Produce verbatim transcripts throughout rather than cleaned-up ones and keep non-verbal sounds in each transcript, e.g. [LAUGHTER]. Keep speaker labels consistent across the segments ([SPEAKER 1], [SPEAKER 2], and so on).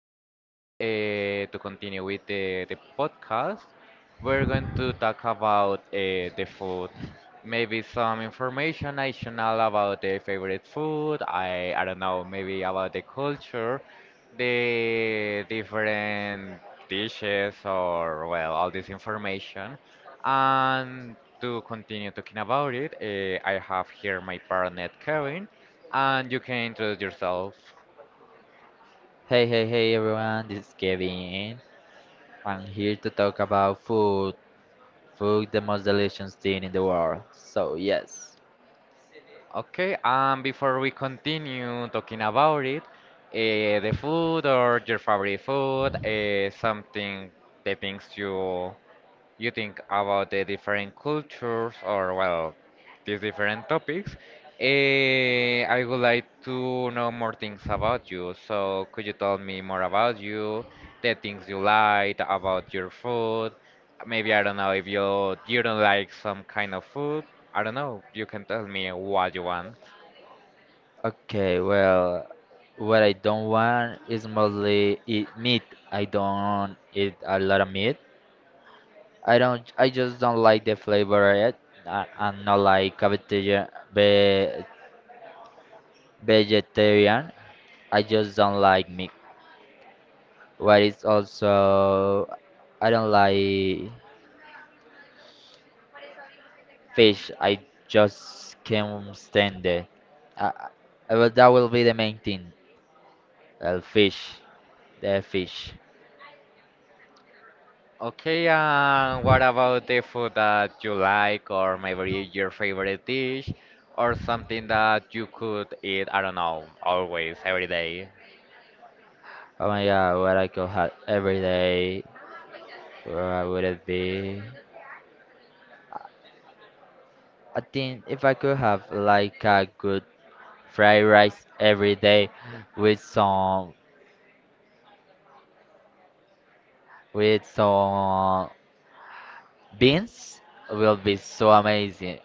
[SPEAKER 1] right now, uh, to continue with the, the podcast, we're going to talk about uh, the food. Maybe some information I should know about the favorite food. I I don't know, maybe about the culture, the different dishes, or well, all this information. And to continue talking about it, uh, I have here my partner Kevin. And you can introduce yourself.
[SPEAKER 2] Hey, hey, hey everyone, this is Kevin. I'm here to talk about food. Food, the most delicious thing in the world. So, yes.
[SPEAKER 1] Okay, and before we continue talking about it, uh, the food or your favorite food, uh, something, the things you you think about the different cultures, or well, these different topics. Eh, I would like to know more things about you. So, could you tell me more about you, the things you like, about your food? Maybe I don't know if you you don't like some kind of food. I don't know. You can tell me what you want.
[SPEAKER 2] Okay, well, what I don't want is mostly eat meat. I don't eat a lot of meat. I don't, I just don't like the flavor of it. I, I'm not like a vegetarian, ve- vegetarian. I just don't like meat. What is also, I don't like fish. I just can't stand it. I, I, well, that will be the main thing. Well, fish, the fish.
[SPEAKER 1] Okay, and what about the food that you like, or maybe your favorite dish, or something that you could eat, I don't know, always, every day?
[SPEAKER 2] Oh my God, what I could have every day. Where would it be? I think if I could have like a good fried rice every day with some with some beans, will be so amazing.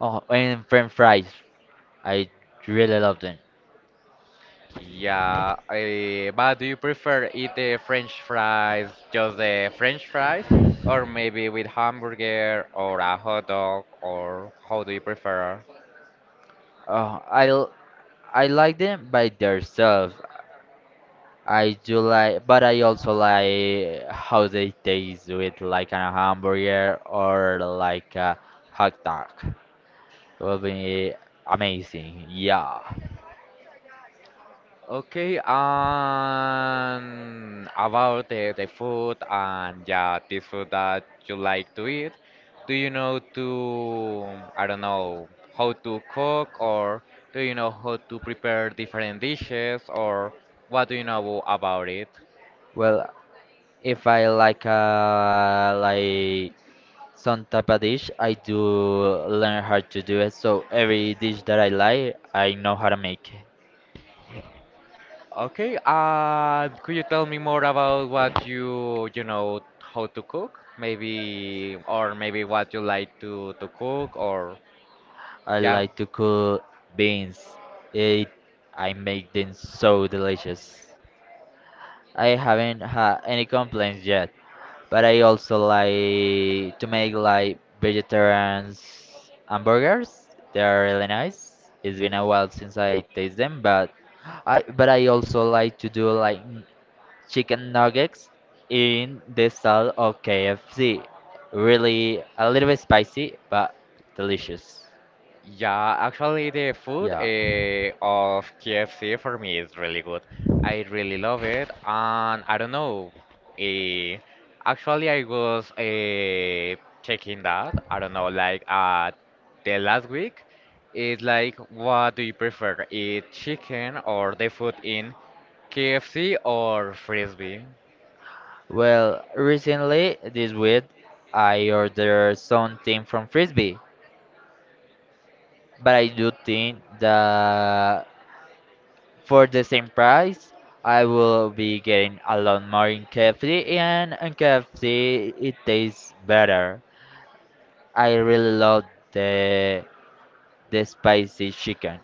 [SPEAKER 2] Oh, and French fries. I really love them.
[SPEAKER 1] Yeah, eh, but do you prefer eat the French fries, just the French fries, or maybe with hamburger or a hot dog, or how do you prefer?
[SPEAKER 2] Oh, I l- I like them by themselves. I do like, but I also like how they taste with like a hamburger or like a hot dog. Will be amazing. Yeah.
[SPEAKER 1] Okay, and about the, the food, and yeah, this food that you like to eat, do you know to, I don't know, how to cook, or do you know how to prepare different dishes, or what do you know about it?
[SPEAKER 2] Well, if I like uh like some type of dish, I do learn how to do it. So every dish that I like, I know how to make it.
[SPEAKER 1] Okay, uh, could you tell me more about what you, you know, how to cook? Maybe, or maybe what you like to, to cook, or
[SPEAKER 2] I
[SPEAKER 1] yeah.
[SPEAKER 2] like to cook beans. It I make them so delicious. I haven't had any complaints yet. But I also like to make like vegetarian hamburgers. They are really nice. It's been a while since I taste them, but I but I also like to do like n- chicken nuggets in the style of K F C. Really a little bit spicy, but delicious.
[SPEAKER 1] Yeah, actually, the food
[SPEAKER 2] Yeah.
[SPEAKER 1] uh, of K F C for me is really good. I really love it, and I don't know. Uh, actually, I was uh, checking that. I don't know, like uh, the last week, is like, what do you prefer, eat chicken or the food in K F C or Frisbee?
[SPEAKER 2] Well, recently this week I ordered something from Frisbee, but I do think that for the same price, I will be getting a lot more in K F C, and in K F C it tastes better. I really love the the spicy chicken.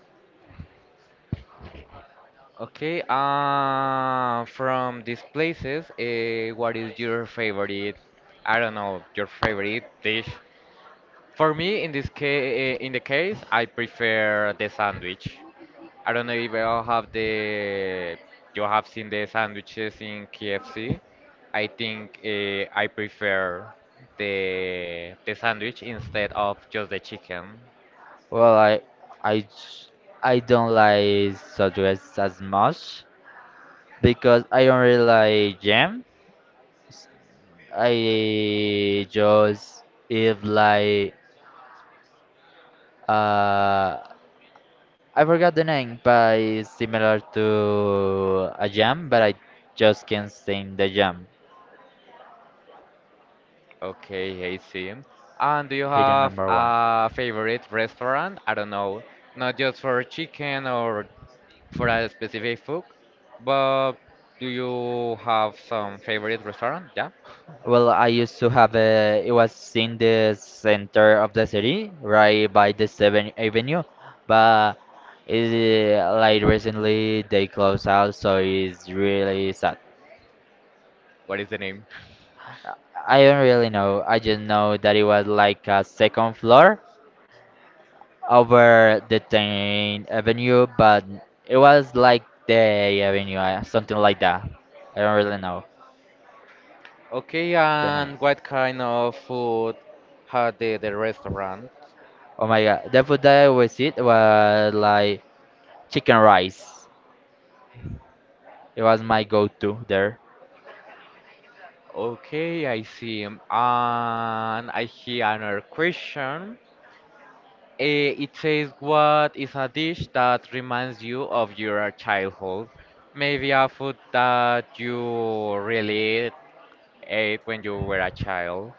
[SPEAKER 1] Okay, uh, from these places, uh, what is your favorite? I don't know, your favorite dish. For me, in this case, in the case, I prefer the sandwich. I don't know if you all have the you have seen the sandwiches in K F C. I think uh, I prefer the the sandwich instead of just the chicken.
[SPEAKER 2] Well, I I j- I don't like sausages as much because I don't really like jam. I just eat like uh I forgot the name, but it's similar to a jam, but I just can't sing the jam.
[SPEAKER 1] Okay, I see. And do you
[SPEAKER 2] Hidden
[SPEAKER 1] have
[SPEAKER 2] number one.
[SPEAKER 1] a favorite restaurant? I don't know, not just for chicken or for a specific food, but do you have some favorite restaurant? Yeah. [LAUGHS]
[SPEAKER 2] Well, I used to have a. It was in the center of the city, right by the seventh Avenue, but it, like recently they closed out, so it's really sad.
[SPEAKER 1] What is the name?
[SPEAKER 2] I don't really know. I just know that it was like a second floor over the Tain Avenue, but it was like the Avenue, uh, something like that. I don't really know
[SPEAKER 1] Okay,
[SPEAKER 2] the name.
[SPEAKER 1] and what kind of food had the, the restaurant?
[SPEAKER 2] Oh my god, the food that I always eat was like chicken rice. It was my go-to there.
[SPEAKER 1] Okay, I see. And I hear another question. Eh, It says, "What is a dish that reminds you of your childhood?" Maybe a food that you really ate when you were a child.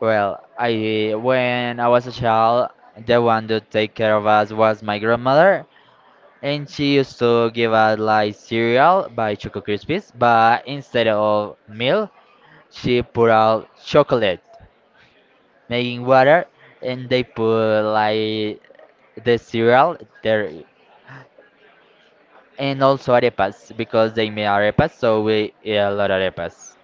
[SPEAKER 2] Well, I when I was a child, the one to take care of us was my grandmother, and she used to give us like cereal by Choco Krispies, but instead of milk, she put out chocolate. Making water and they put like the cereal there. And also arepas because they made arepas, so we eat a lot of arepas.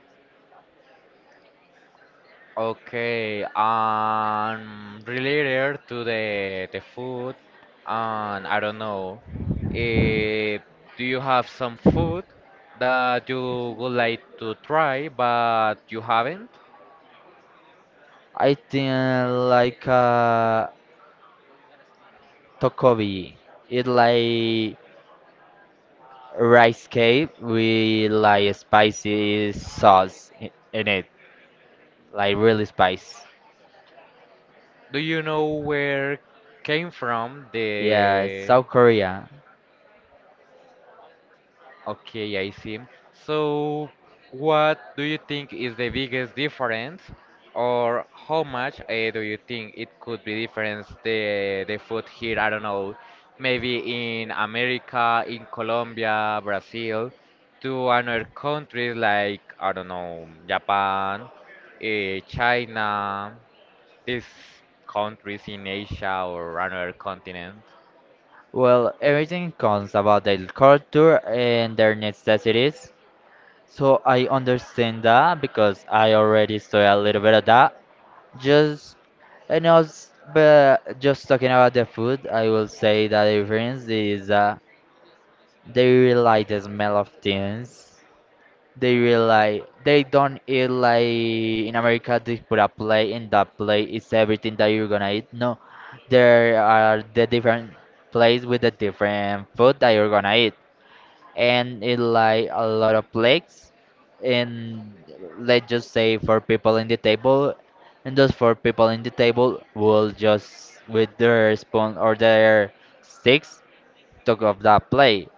[SPEAKER 1] Okay, um, related to the the food, and I don't know, eh, do you have some food that you would like to try but you haven't?
[SPEAKER 2] I think like uh tokobi, it like rice cake with like spicy sauce i- in it, like really spice.
[SPEAKER 1] Do you know where came from
[SPEAKER 2] Yeah,
[SPEAKER 1] the
[SPEAKER 2] South Korea.
[SPEAKER 1] Okay, I see. So, what do you think is the biggest difference, or how much uh, do you think it could be difference the the food here? I don't know, maybe in America, in Colombia, Brazil, to another countries, like I don't know, Japan, uh, China, these countries in Asia or another continent.
[SPEAKER 2] Well, everything comes about their culture and their necessities. So I understand that because I already saw a little bit of that. Just and also, but just talking about the food, I will say that the difference is that they really like the smell of things. They really like they don't eat like in America they put a plate and that plate is everything that you're gonna eat. No, there are the different plates with the different food that you're gonna eat, and it like a lot of plates. And let's just say four people in the table, and those four people in the table will just with their spoon or their sticks talk of that plate.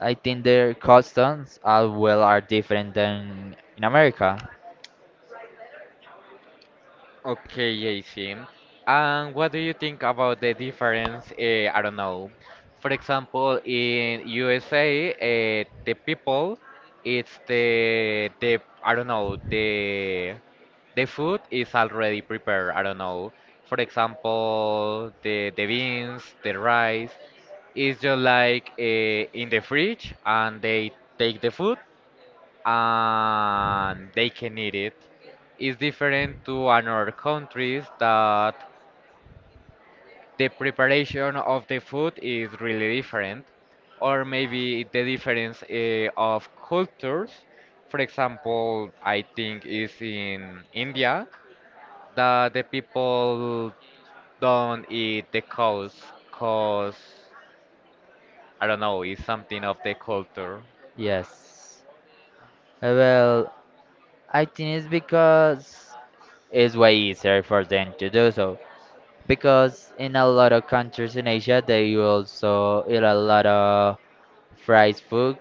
[SPEAKER 2] I think their customs as well are different than in America.
[SPEAKER 1] Okay, Jason. And what do you think about the difference? Uh, I don't know. For example, in U S A, uh, the people, it's the the I don't know the the food is already prepared. I don't know. For example, the the beans, the rice, is just like uh, in the fridge, and they take the food and they can eat it. It's different to another countries that the preparation of the food is really different, or maybe the difference eh, of cultures. For example, I think is in India that the people don't eat the cows because I don't know, it's something of the culture.
[SPEAKER 2] Yes. Uh, Well, I think it's because it's way easier for them to do so. Because in a lot of countries in Asia, they also eat a lot of fried food,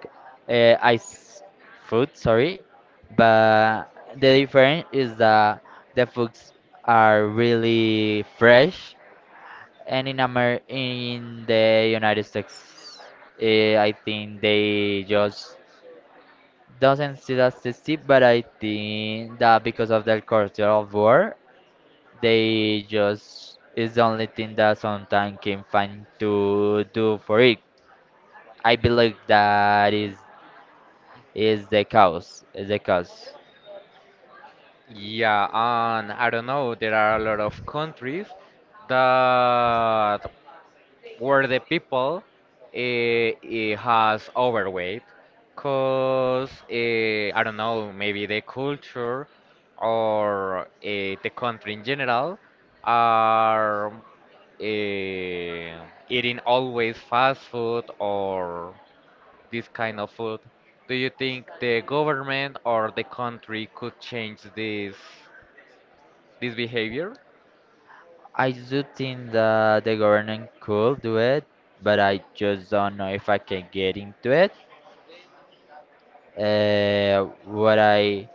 [SPEAKER 2] uh, ice food, sorry. But the difference is that the foods are really fresh, and in Amer in the United States, uh, I think they just doesn't see that tasty, but I think that because of the culture of war, they just is the only thing that sometimes can find to do for it. I believe that is is the cause. Is the cause.
[SPEAKER 1] Yeah, and I don't know, there are a lot of countries that where the people eh, eh, has overweight, cause eh, I don't know, maybe the culture or eh, the country in general are eh, eating always fast food or this kind of food. Do you think the government or the country could change this? This behavior?
[SPEAKER 2] I do think that the government could do it, but I just don't know if I can get into it. Uh, what I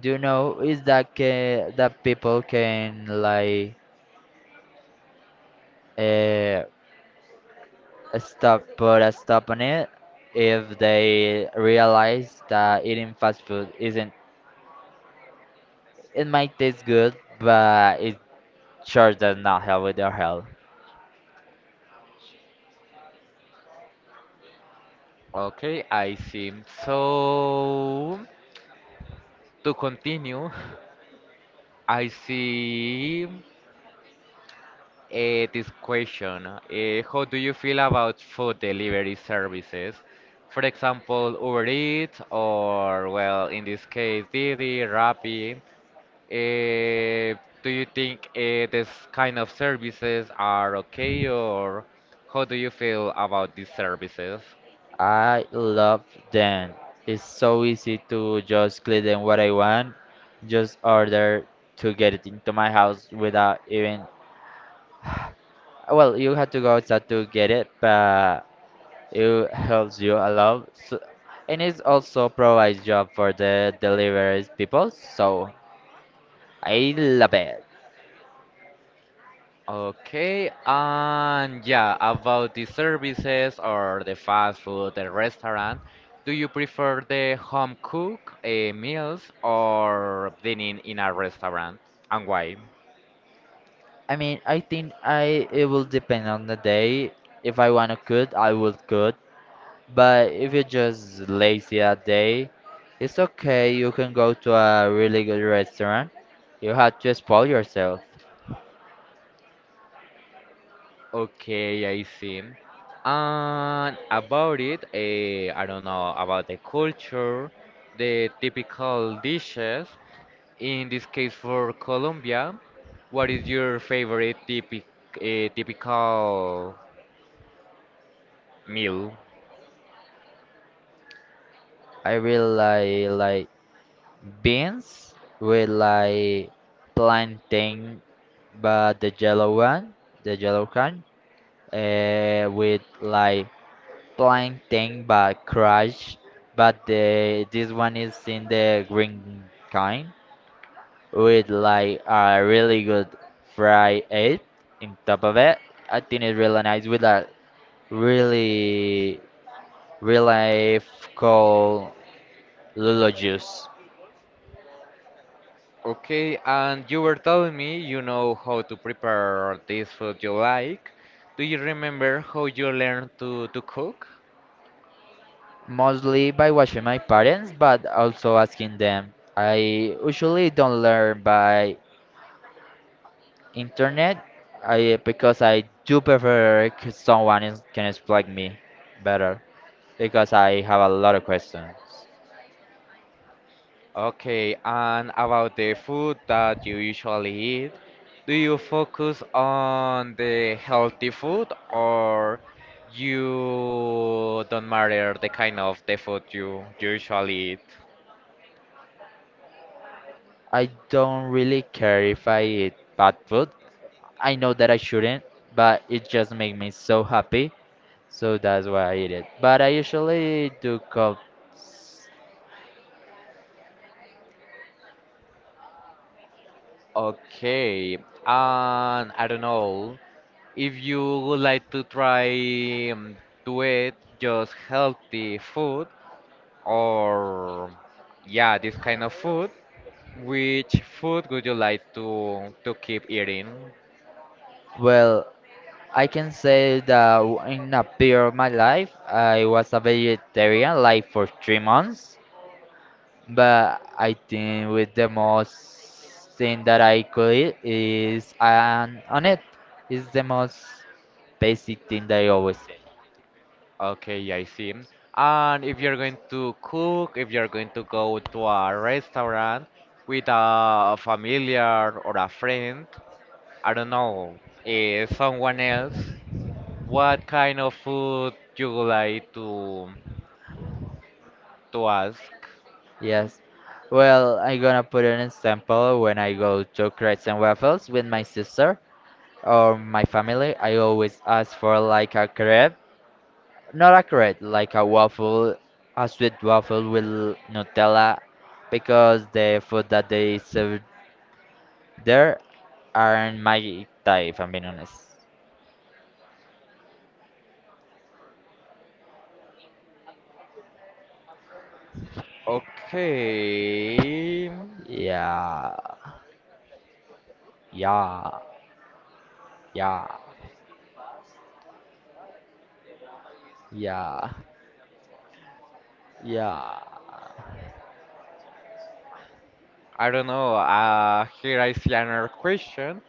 [SPEAKER 2] do know is that ca that people can like uh, stop put a stop on it if they realize that eating fast food isn't it might taste good, but it sure does not help with their health.
[SPEAKER 1] Okay, I see. So, to continue, [LAUGHS] I see uh, this question. Uh, how do you feel about food delivery services? For example, Uber Eats, or well, in this case, Didi, Rappi. Uh, do you think uh, this kind of services are okay, or how do you feel about these services?
[SPEAKER 2] I love them. It's so easy to just click on what I want, just order to get it into my house without even. Well, you have to go outside to get it, but it helps you a lot. So, and it also provides job for the deliveries people, so I love it.
[SPEAKER 1] Okay, and yeah, about the services or the fast food, the restaurant, do you prefer the home cook uh, meals or dining in a restaurant? And why?
[SPEAKER 2] I mean, I think I it will depend on the day. If I wanna cook, I will cook. But if you're just lazy that day, it's okay. You can go to a really good restaurant. You have to spoil yourself.
[SPEAKER 1] Okay, I see. And about it, uh, I don't know, about the culture, the typical dishes. In this case, for Colombia, what is your favorite typic, uh, typical meal?
[SPEAKER 2] I really like like beans with like plantain, but the yellow one, the yellow kind, uh, with like plantain but crushed, but the this one is in the green kind. With like a really good fried egg in top of it. I think it's really nice with a really really cold Lulu juice.
[SPEAKER 1] Okay, and you were telling me you know how to prepare this food you like. Do you remember how you learned to, to cook?
[SPEAKER 2] Mostly by watching my parents, but also asking them. I usually don't learn by internet, I because I do prefer c- someone is, can explain me better because I have a lot of questions.
[SPEAKER 1] Okay, and about the food that you usually eat, do you focus on the healthy food, or you don't matter the kind of the food you usually eat?
[SPEAKER 2] I don't really care if I eat bad food I know that I shouldn't, but it just makes me so happy. So that's why I eat it. But I usually do cook.
[SPEAKER 1] Okay, and I don't know. If you would like to try um, to eat just healthy food, or yeah, this kind of food, which food would you like to to keep eating?
[SPEAKER 2] Well, I can say that w- in a period of my life, I was a vegetarian like for three months. But I think with the most thing that I could eat is an on it. It's the most basic thing that I always eat.
[SPEAKER 1] Okay, I see. And if you're going to cook, if you're going to go to a restaurant with a familiar or a friend, I don't know, eh, someone else, what kind of food you would like to to ask?
[SPEAKER 2] Yes. Well, I gonna put an example when I go to crepes and waffles with my sister or my family. I always ask for like a crepe, not a crepe, like a waffle, a sweet waffle with Nutella, because the food that they serve there aren't my type, if I'm being honest.
[SPEAKER 1] Okay.
[SPEAKER 2] Yeah, yeah, yeah, yeah, yeah.
[SPEAKER 1] I don't know. Uh, here I see another question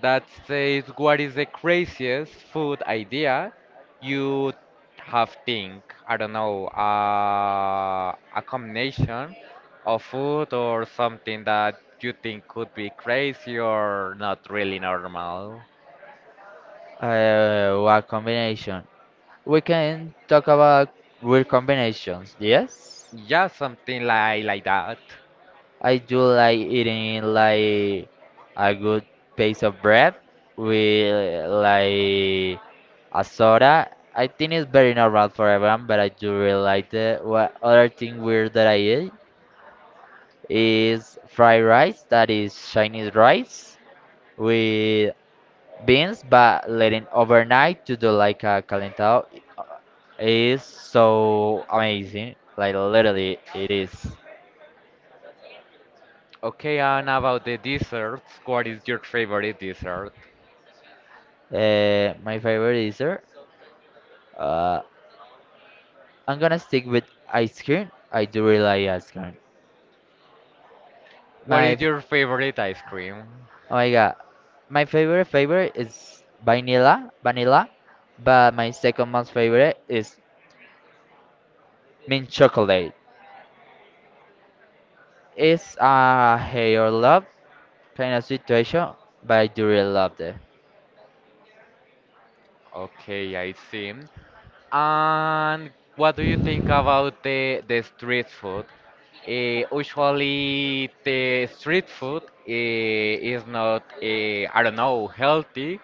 [SPEAKER 1] that says, "What is the craziest food idea you have think?" I don't know. Uh, a combination of food or something that you think could be crazy or not really normal.
[SPEAKER 2] Uh, what combination? We can talk about weird combinations, yes?
[SPEAKER 1] Yeah, something like like that.
[SPEAKER 2] I do like eating like a good piece of bread with like a soda. I think it's very normal for everyone, but I do really like it. What other thing weird that I eat is fried rice, that is Chinese rice with beans, but letting overnight to do like a calentado i- is so amazing. Like literally, it is.
[SPEAKER 1] Okay, and about the desserts, what is your favorite dessert?
[SPEAKER 2] Uh, my favorite dessert. Uh, I'm gonna stick with ice cream. I do really like ice cream.
[SPEAKER 1] What
[SPEAKER 2] My
[SPEAKER 1] is your favorite ice cream?
[SPEAKER 2] oh my god, my favorite favorite is vanilla, vanilla, but my second most favorite is mint chocolate. It's a hate or love kind of situation, but I do really love it.
[SPEAKER 1] Okay, I see. And what do you think about the the street food? Eh, usually the street food eh, is not eh, I don't know healthy,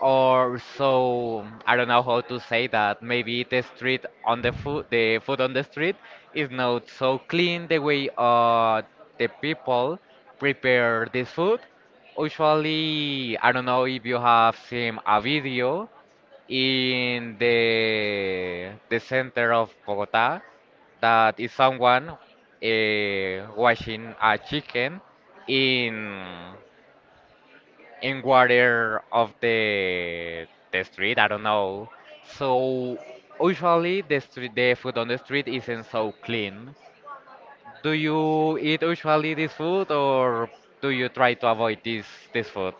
[SPEAKER 1] or so I don't know how to say that. Maybe the street on the food the food on the street is not so clean, the way uh the people prepare this food. Usually I don't know if you have seen a video in the the center of Bogota, that is someone uh, washing a chicken in in water of the the street. I don't know. So usually the street the food on the street isn't so clean. Do you eat usually this food, or do you try to avoid this this food?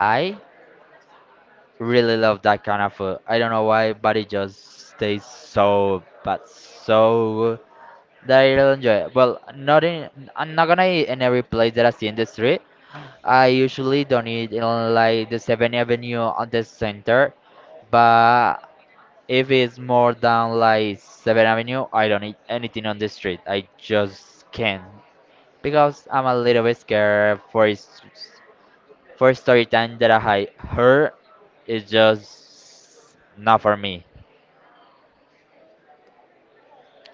[SPEAKER 2] I really love that kind of food. I don't know why, but it just tastes so, but so good that I really enjoy it. Well, not in, I'm not gonna eat in every place that I see in the street. I usually don't eat in like the seventh Avenue on the center, but if it's more than like seventh Avenue, I don't eat anything on the street. I just can't because I'm a little bit scared for it for story time that I had her is just not for me.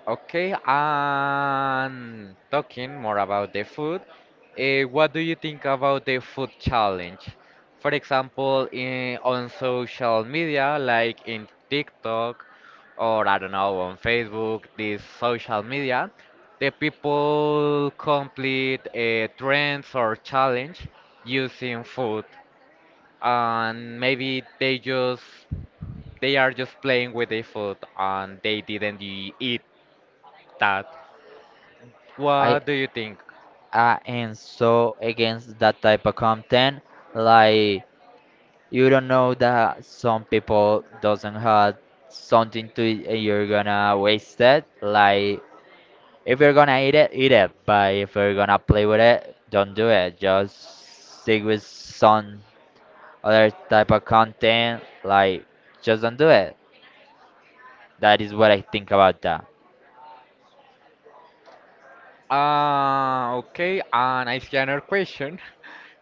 [SPEAKER 1] Okay, and talking more about the food, eh, what do you think about the food challenge? For example, in, on social media, like in TikTok, or I don't know, on Facebook, this social media, the people complete eh, trends or challenge using food, and maybe they just they are just playing with the food, and they didn't e- eat that.
[SPEAKER 2] I
[SPEAKER 1] What do you think?
[SPEAKER 2] I am so against that type of content. Like you don't know that some people doesn't have something to eat and you're gonna waste it. Like if you're gonna eat it, eat it. But if you're gonna play with it, don't do it. Just stick with some other type of content. Like just don't do it. That is what I think about that.
[SPEAKER 1] Uh, okay, and I see another question. [LAUGHS]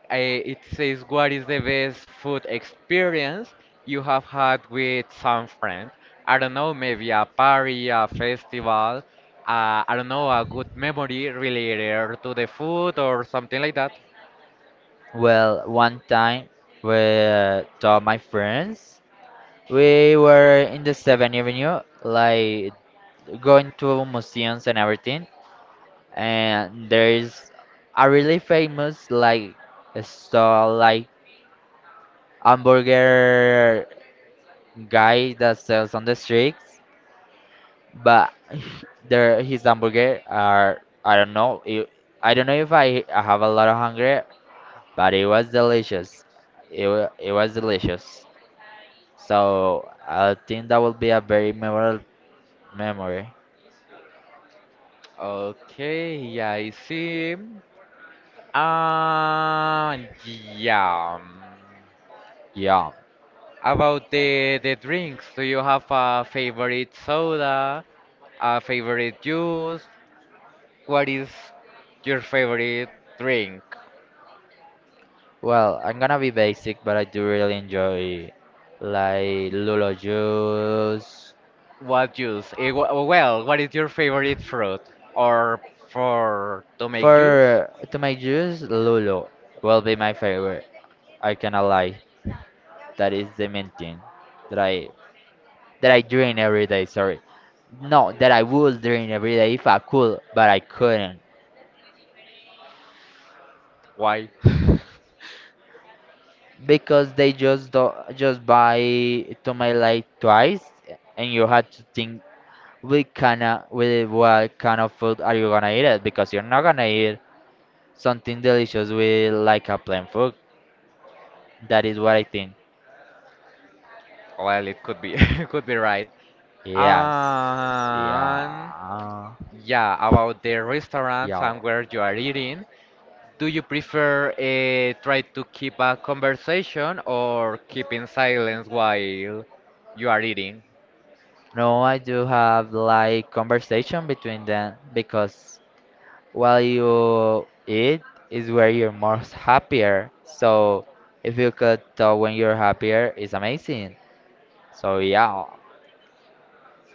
[SPEAKER 1] Uh, it says, "What is the best food experience you have had with some friend?" I don't know, maybe a party, a festival, uh, I don't know, a good memory related to the food or something like that.
[SPEAKER 2] Well, one time with all my friends, we were in the seventh Avenue, like going to museums and everything. And there is a really famous like a stall like hamburger guy that sells on the streets, but [LAUGHS] there his hamburger are I don't know. It, I don't know if I, I have a lot of hunger, but it was delicious. It, wa- it was delicious. So I think that will be a very memorable memory.
[SPEAKER 1] Okay, I see. Uh, yeah. um,
[SPEAKER 2] Yeah.
[SPEAKER 1] about the the drinks, do you have a favorite soda, a favorite juice? What is your favorite drink?
[SPEAKER 2] Well, I'm gonna be basic, but I do really enjoy like Lulo juice.
[SPEAKER 1] What juice? Eh, wh- Well, what is your favorite fruit? Or for to make juice?
[SPEAKER 2] For to my juice, Lulo will be my favorite. I cannot lie. That is the main thing that I that I drink every day. Sorry, no, that I would drink every day if I could, but I couldn't
[SPEAKER 1] Why? [LAUGHS]
[SPEAKER 2] because they just do, just buy to my like twice, and you had to think we kinda with what kind of food are you gonna eat it? Because you're not gonna eat something delicious with like a plain food. That is what I think.
[SPEAKER 1] Well, it could be, [LAUGHS] could be right.
[SPEAKER 2] Yes.
[SPEAKER 1] And
[SPEAKER 2] Yeah.
[SPEAKER 1] yeah, about the restaurants
[SPEAKER 2] Yeah.
[SPEAKER 1] and where you are eating. Do you prefer uh, try to keep a conversation or keeping silence while you are eating?
[SPEAKER 2] No, I do have like conversation between them because while you eat is where you're most happier. So if you could talk when you're happier, it's amazing. So yeah.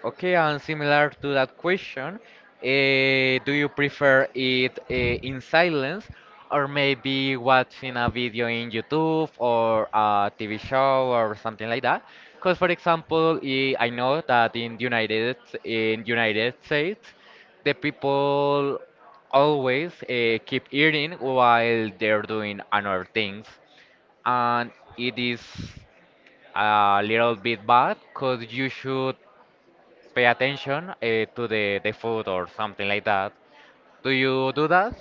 [SPEAKER 1] Okay, and similar to that question, eh, do you prefer it eh, in silence, or maybe watching a video in YouTube or a T V show or something like that? Because, for example, eh, I know that in United in United States, the people always eh, keep eating while they're doing other things, and it is a little bit bad because you should pay attention uh, to the, the food or something like that. Do you do that?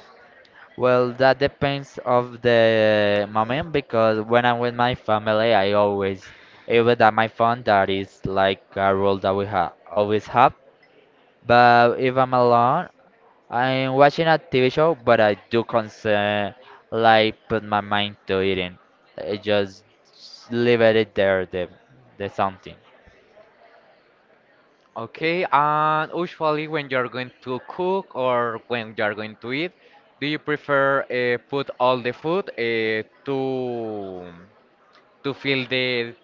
[SPEAKER 2] Well, that depends of the moment because when I'm with my family, I always even at my phone. That is like a rule that we have always have. But if I'm alone, I'm watching a T V show, but I do concern like put my mind to eating. I just leave it there, the the something.
[SPEAKER 1] Okay, and usually when you're going to cook or when you're going to eat, do you prefer uh, put all the food uh, to to fill the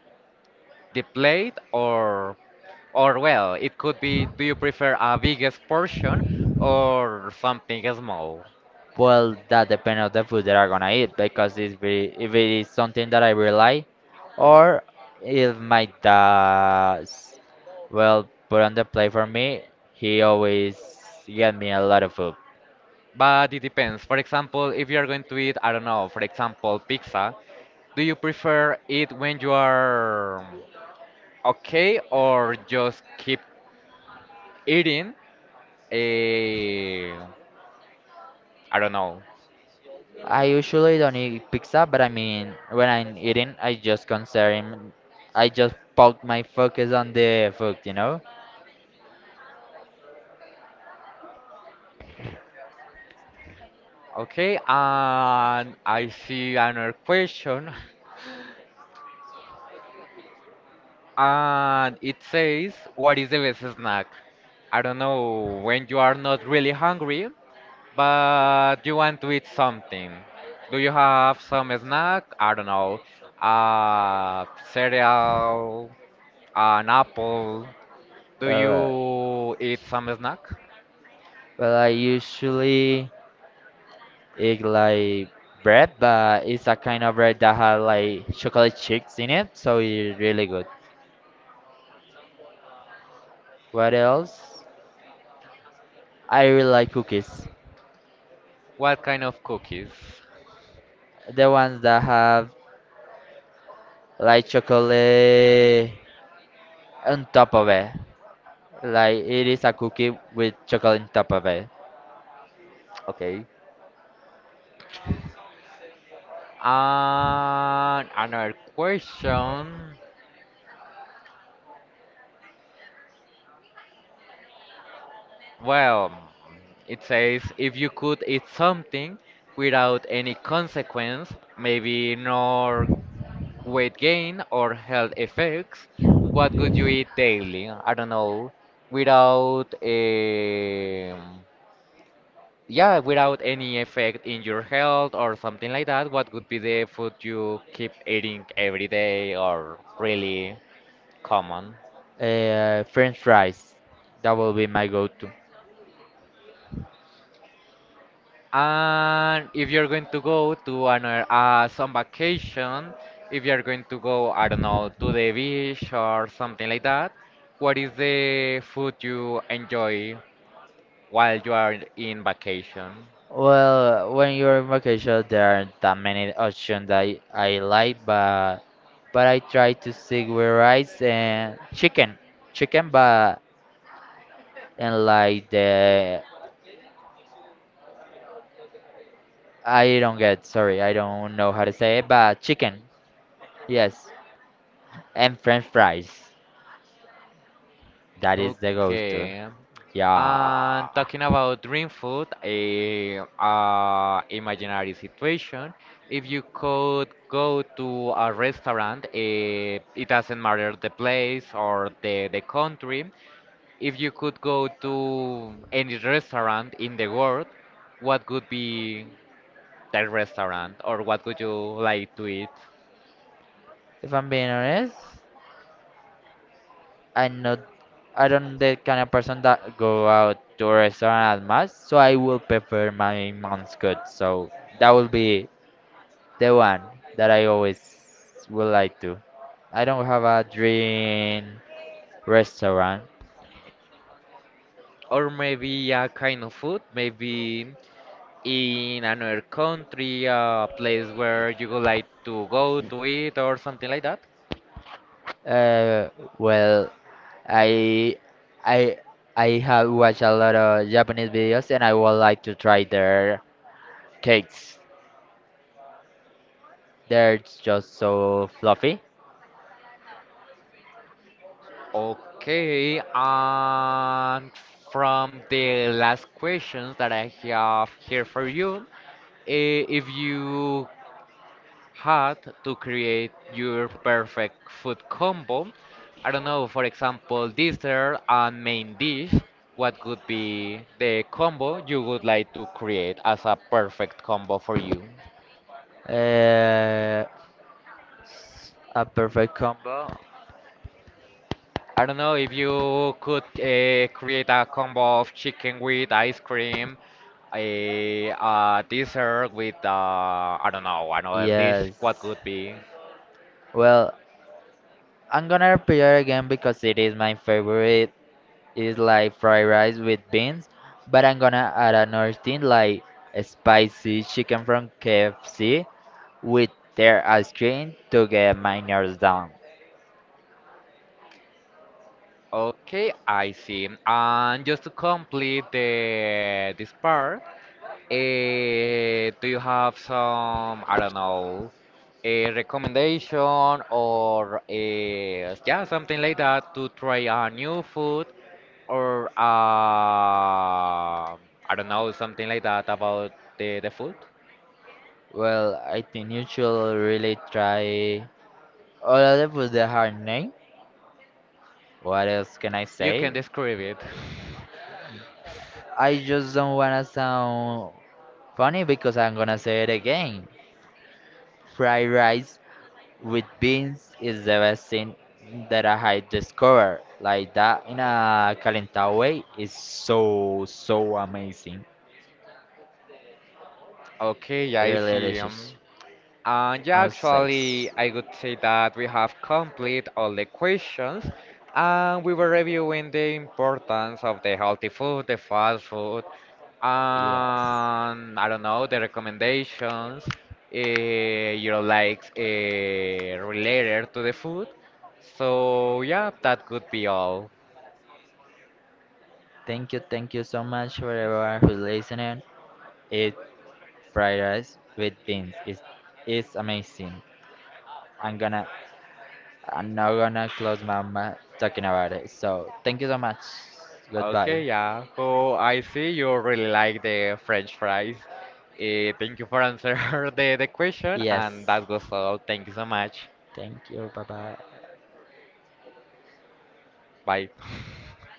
[SPEAKER 1] the plate, or or well, it could be do you prefer a biggest portion or something small?
[SPEAKER 2] Well, that depends on the food that I'm gonna eat because it's very, if it is something that I really like, or if my dad, well, put on the plate for me, he always get me a lot of food.
[SPEAKER 1] But it depends. For example, if you are going to eat, I don't know, for example, pizza, do you prefer it when you are okay or just keep eating? I I don't know.
[SPEAKER 2] I usually don't eat pizza, but I mean, when I'm eating, I just concern, I just put my focus on the food, you know.
[SPEAKER 1] Okay, and I see another question. [LAUGHS] And it says, what is the best snack? I don't know, when you are not really hungry, but you want to eat something. Do you have some snack? I don't know. Uh, cereal, an apple. Do
[SPEAKER 2] Well, uh,
[SPEAKER 1] you eat some snack?
[SPEAKER 2] well, I usually it like bread, but it's a kind of bread that has like chocolate chips in it, so it's really good. What else? I really like cookies.
[SPEAKER 1] What kind of cookies?
[SPEAKER 2] The ones that have like chocolate on top of it. Like it is a cookie with chocolate on top of it.
[SPEAKER 1] Okay. And another question. Well, it says if you could eat something without any consequence, maybe nor weight gain or health effects, what would you eat daily? I don't know, without um yeah, without any effect in your health or something like that, what would be the food you keep eating every day or really common?
[SPEAKER 2] Uh, French fries. That will be my go-to.
[SPEAKER 1] And if you're going to go to another uh, some vacation, if you're going to go, I don't know, to the beach or something like that, what is the food you enjoy while you are in vacation?
[SPEAKER 2] Well, when you're in vacation, there aren't that many options that I, I like, but but I try to stick with rice and chicken, chicken, but and like the I don't get sorry, I don't know how to say it, but chicken, yes, and French fries. That is the go-to.
[SPEAKER 1] Okay.
[SPEAKER 2] Yeah,
[SPEAKER 1] And talking about dream food, a uh, imaginary situation. If you could go to a restaurant, eh, it doesn't matter the place or the, the country. If you could go to any restaurant in the world, what could be that restaurant, or what would you like to eat?
[SPEAKER 2] if I'm being honest. I'm not I don't the kind of person that go out to a restaurant at much, so I will prefer my mom's good. So that will be the one that I always would like to. I don't have a dream restaurant.
[SPEAKER 1] Or maybe a kind of food, maybe in another country, a place where you would like to go to eat or something like that?
[SPEAKER 2] Uh, well, I I I have watched a lot of Japanese videos and I would like to try their cakes. They're just so fluffy.
[SPEAKER 1] Okay, and from the last questions that I have here for you, eh, if you had to create your perfect food combo, I don't know, for example, dessert and main dish, what would be the combo you would like to create as a perfect combo for you?
[SPEAKER 2] Uh, a perfect combo.
[SPEAKER 1] I don't know if you could uh, create a combo of chicken with ice cream, eh, a, uh dessert with, uh, I don't know, another dish. What
[SPEAKER 2] Yes.
[SPEAKER 1] could be?
[SPEAKER 2] Well, I'm gonna prepare again because it is my favorite. It's like fried rice with beans, but I'm gonna add another thing like a spicy chicken from K F C with their ice cream to get my nerves down.
[SPEAKER 1] Okay, I see. And just to complete the this part, Eh, do you have some, I don't know, a recommendation, or a, yeah, something like that to try a new food, or uh, I don't know, something like that about the, the food?
[SPEAKER 2] Well, I think you should really try all of the food the hard name. What else can I
[SPEAKER 1] You
[SPEAKER 2] say?
[SPEAKER 1] can describe it. [LAUGHS]
[SPEAKER 2] I just don't wanna sound funny because I'm gonna say it again. Fried rice with beans is the best thing that I had discovered. Like that in a calentado way is so so amazing.
[SPEAKER 1] Okay, yeah, I
[SPEAKER 2] Really
[SPEAKER 1] see. um,
[SPEAKER 2] delicious.
[SPEAKER 1] Uh, yeah,
[SPEAKER 2] I'm
[SPEAKER 1] actually,
[SPEAKER 2] six.
[SPEAKER 1] I would say that we have complete all the questions, and we were reviewing the importance of the healthy food, the fast food,
[SPEAKER 2] Yes.
[SPEAKER 1] and I don't know, the recommendations, uh, you know, like uh, related to the food. So yeah, that could be all.
[SPEAKER 2] Thank you, thank you so much for everyone who's listening. Eat fried rice with beans. It's it's amazing. I'm gonna I'm not gonna close my mouth talking about it. So thank you so much. Goodbye.
[SPEAKER 1] Okay, yeah. So I see you really like the French fries. Eh, thank you for answering [LAUGHS] the, the question, and
[SPEAKER 2] Yes.
[SPEAKER 1] that was all. Thank you so much.
[SPEAKER 2] Thank you. Bye bye.
[SPEAKER 1] Bye. [LAUGHS]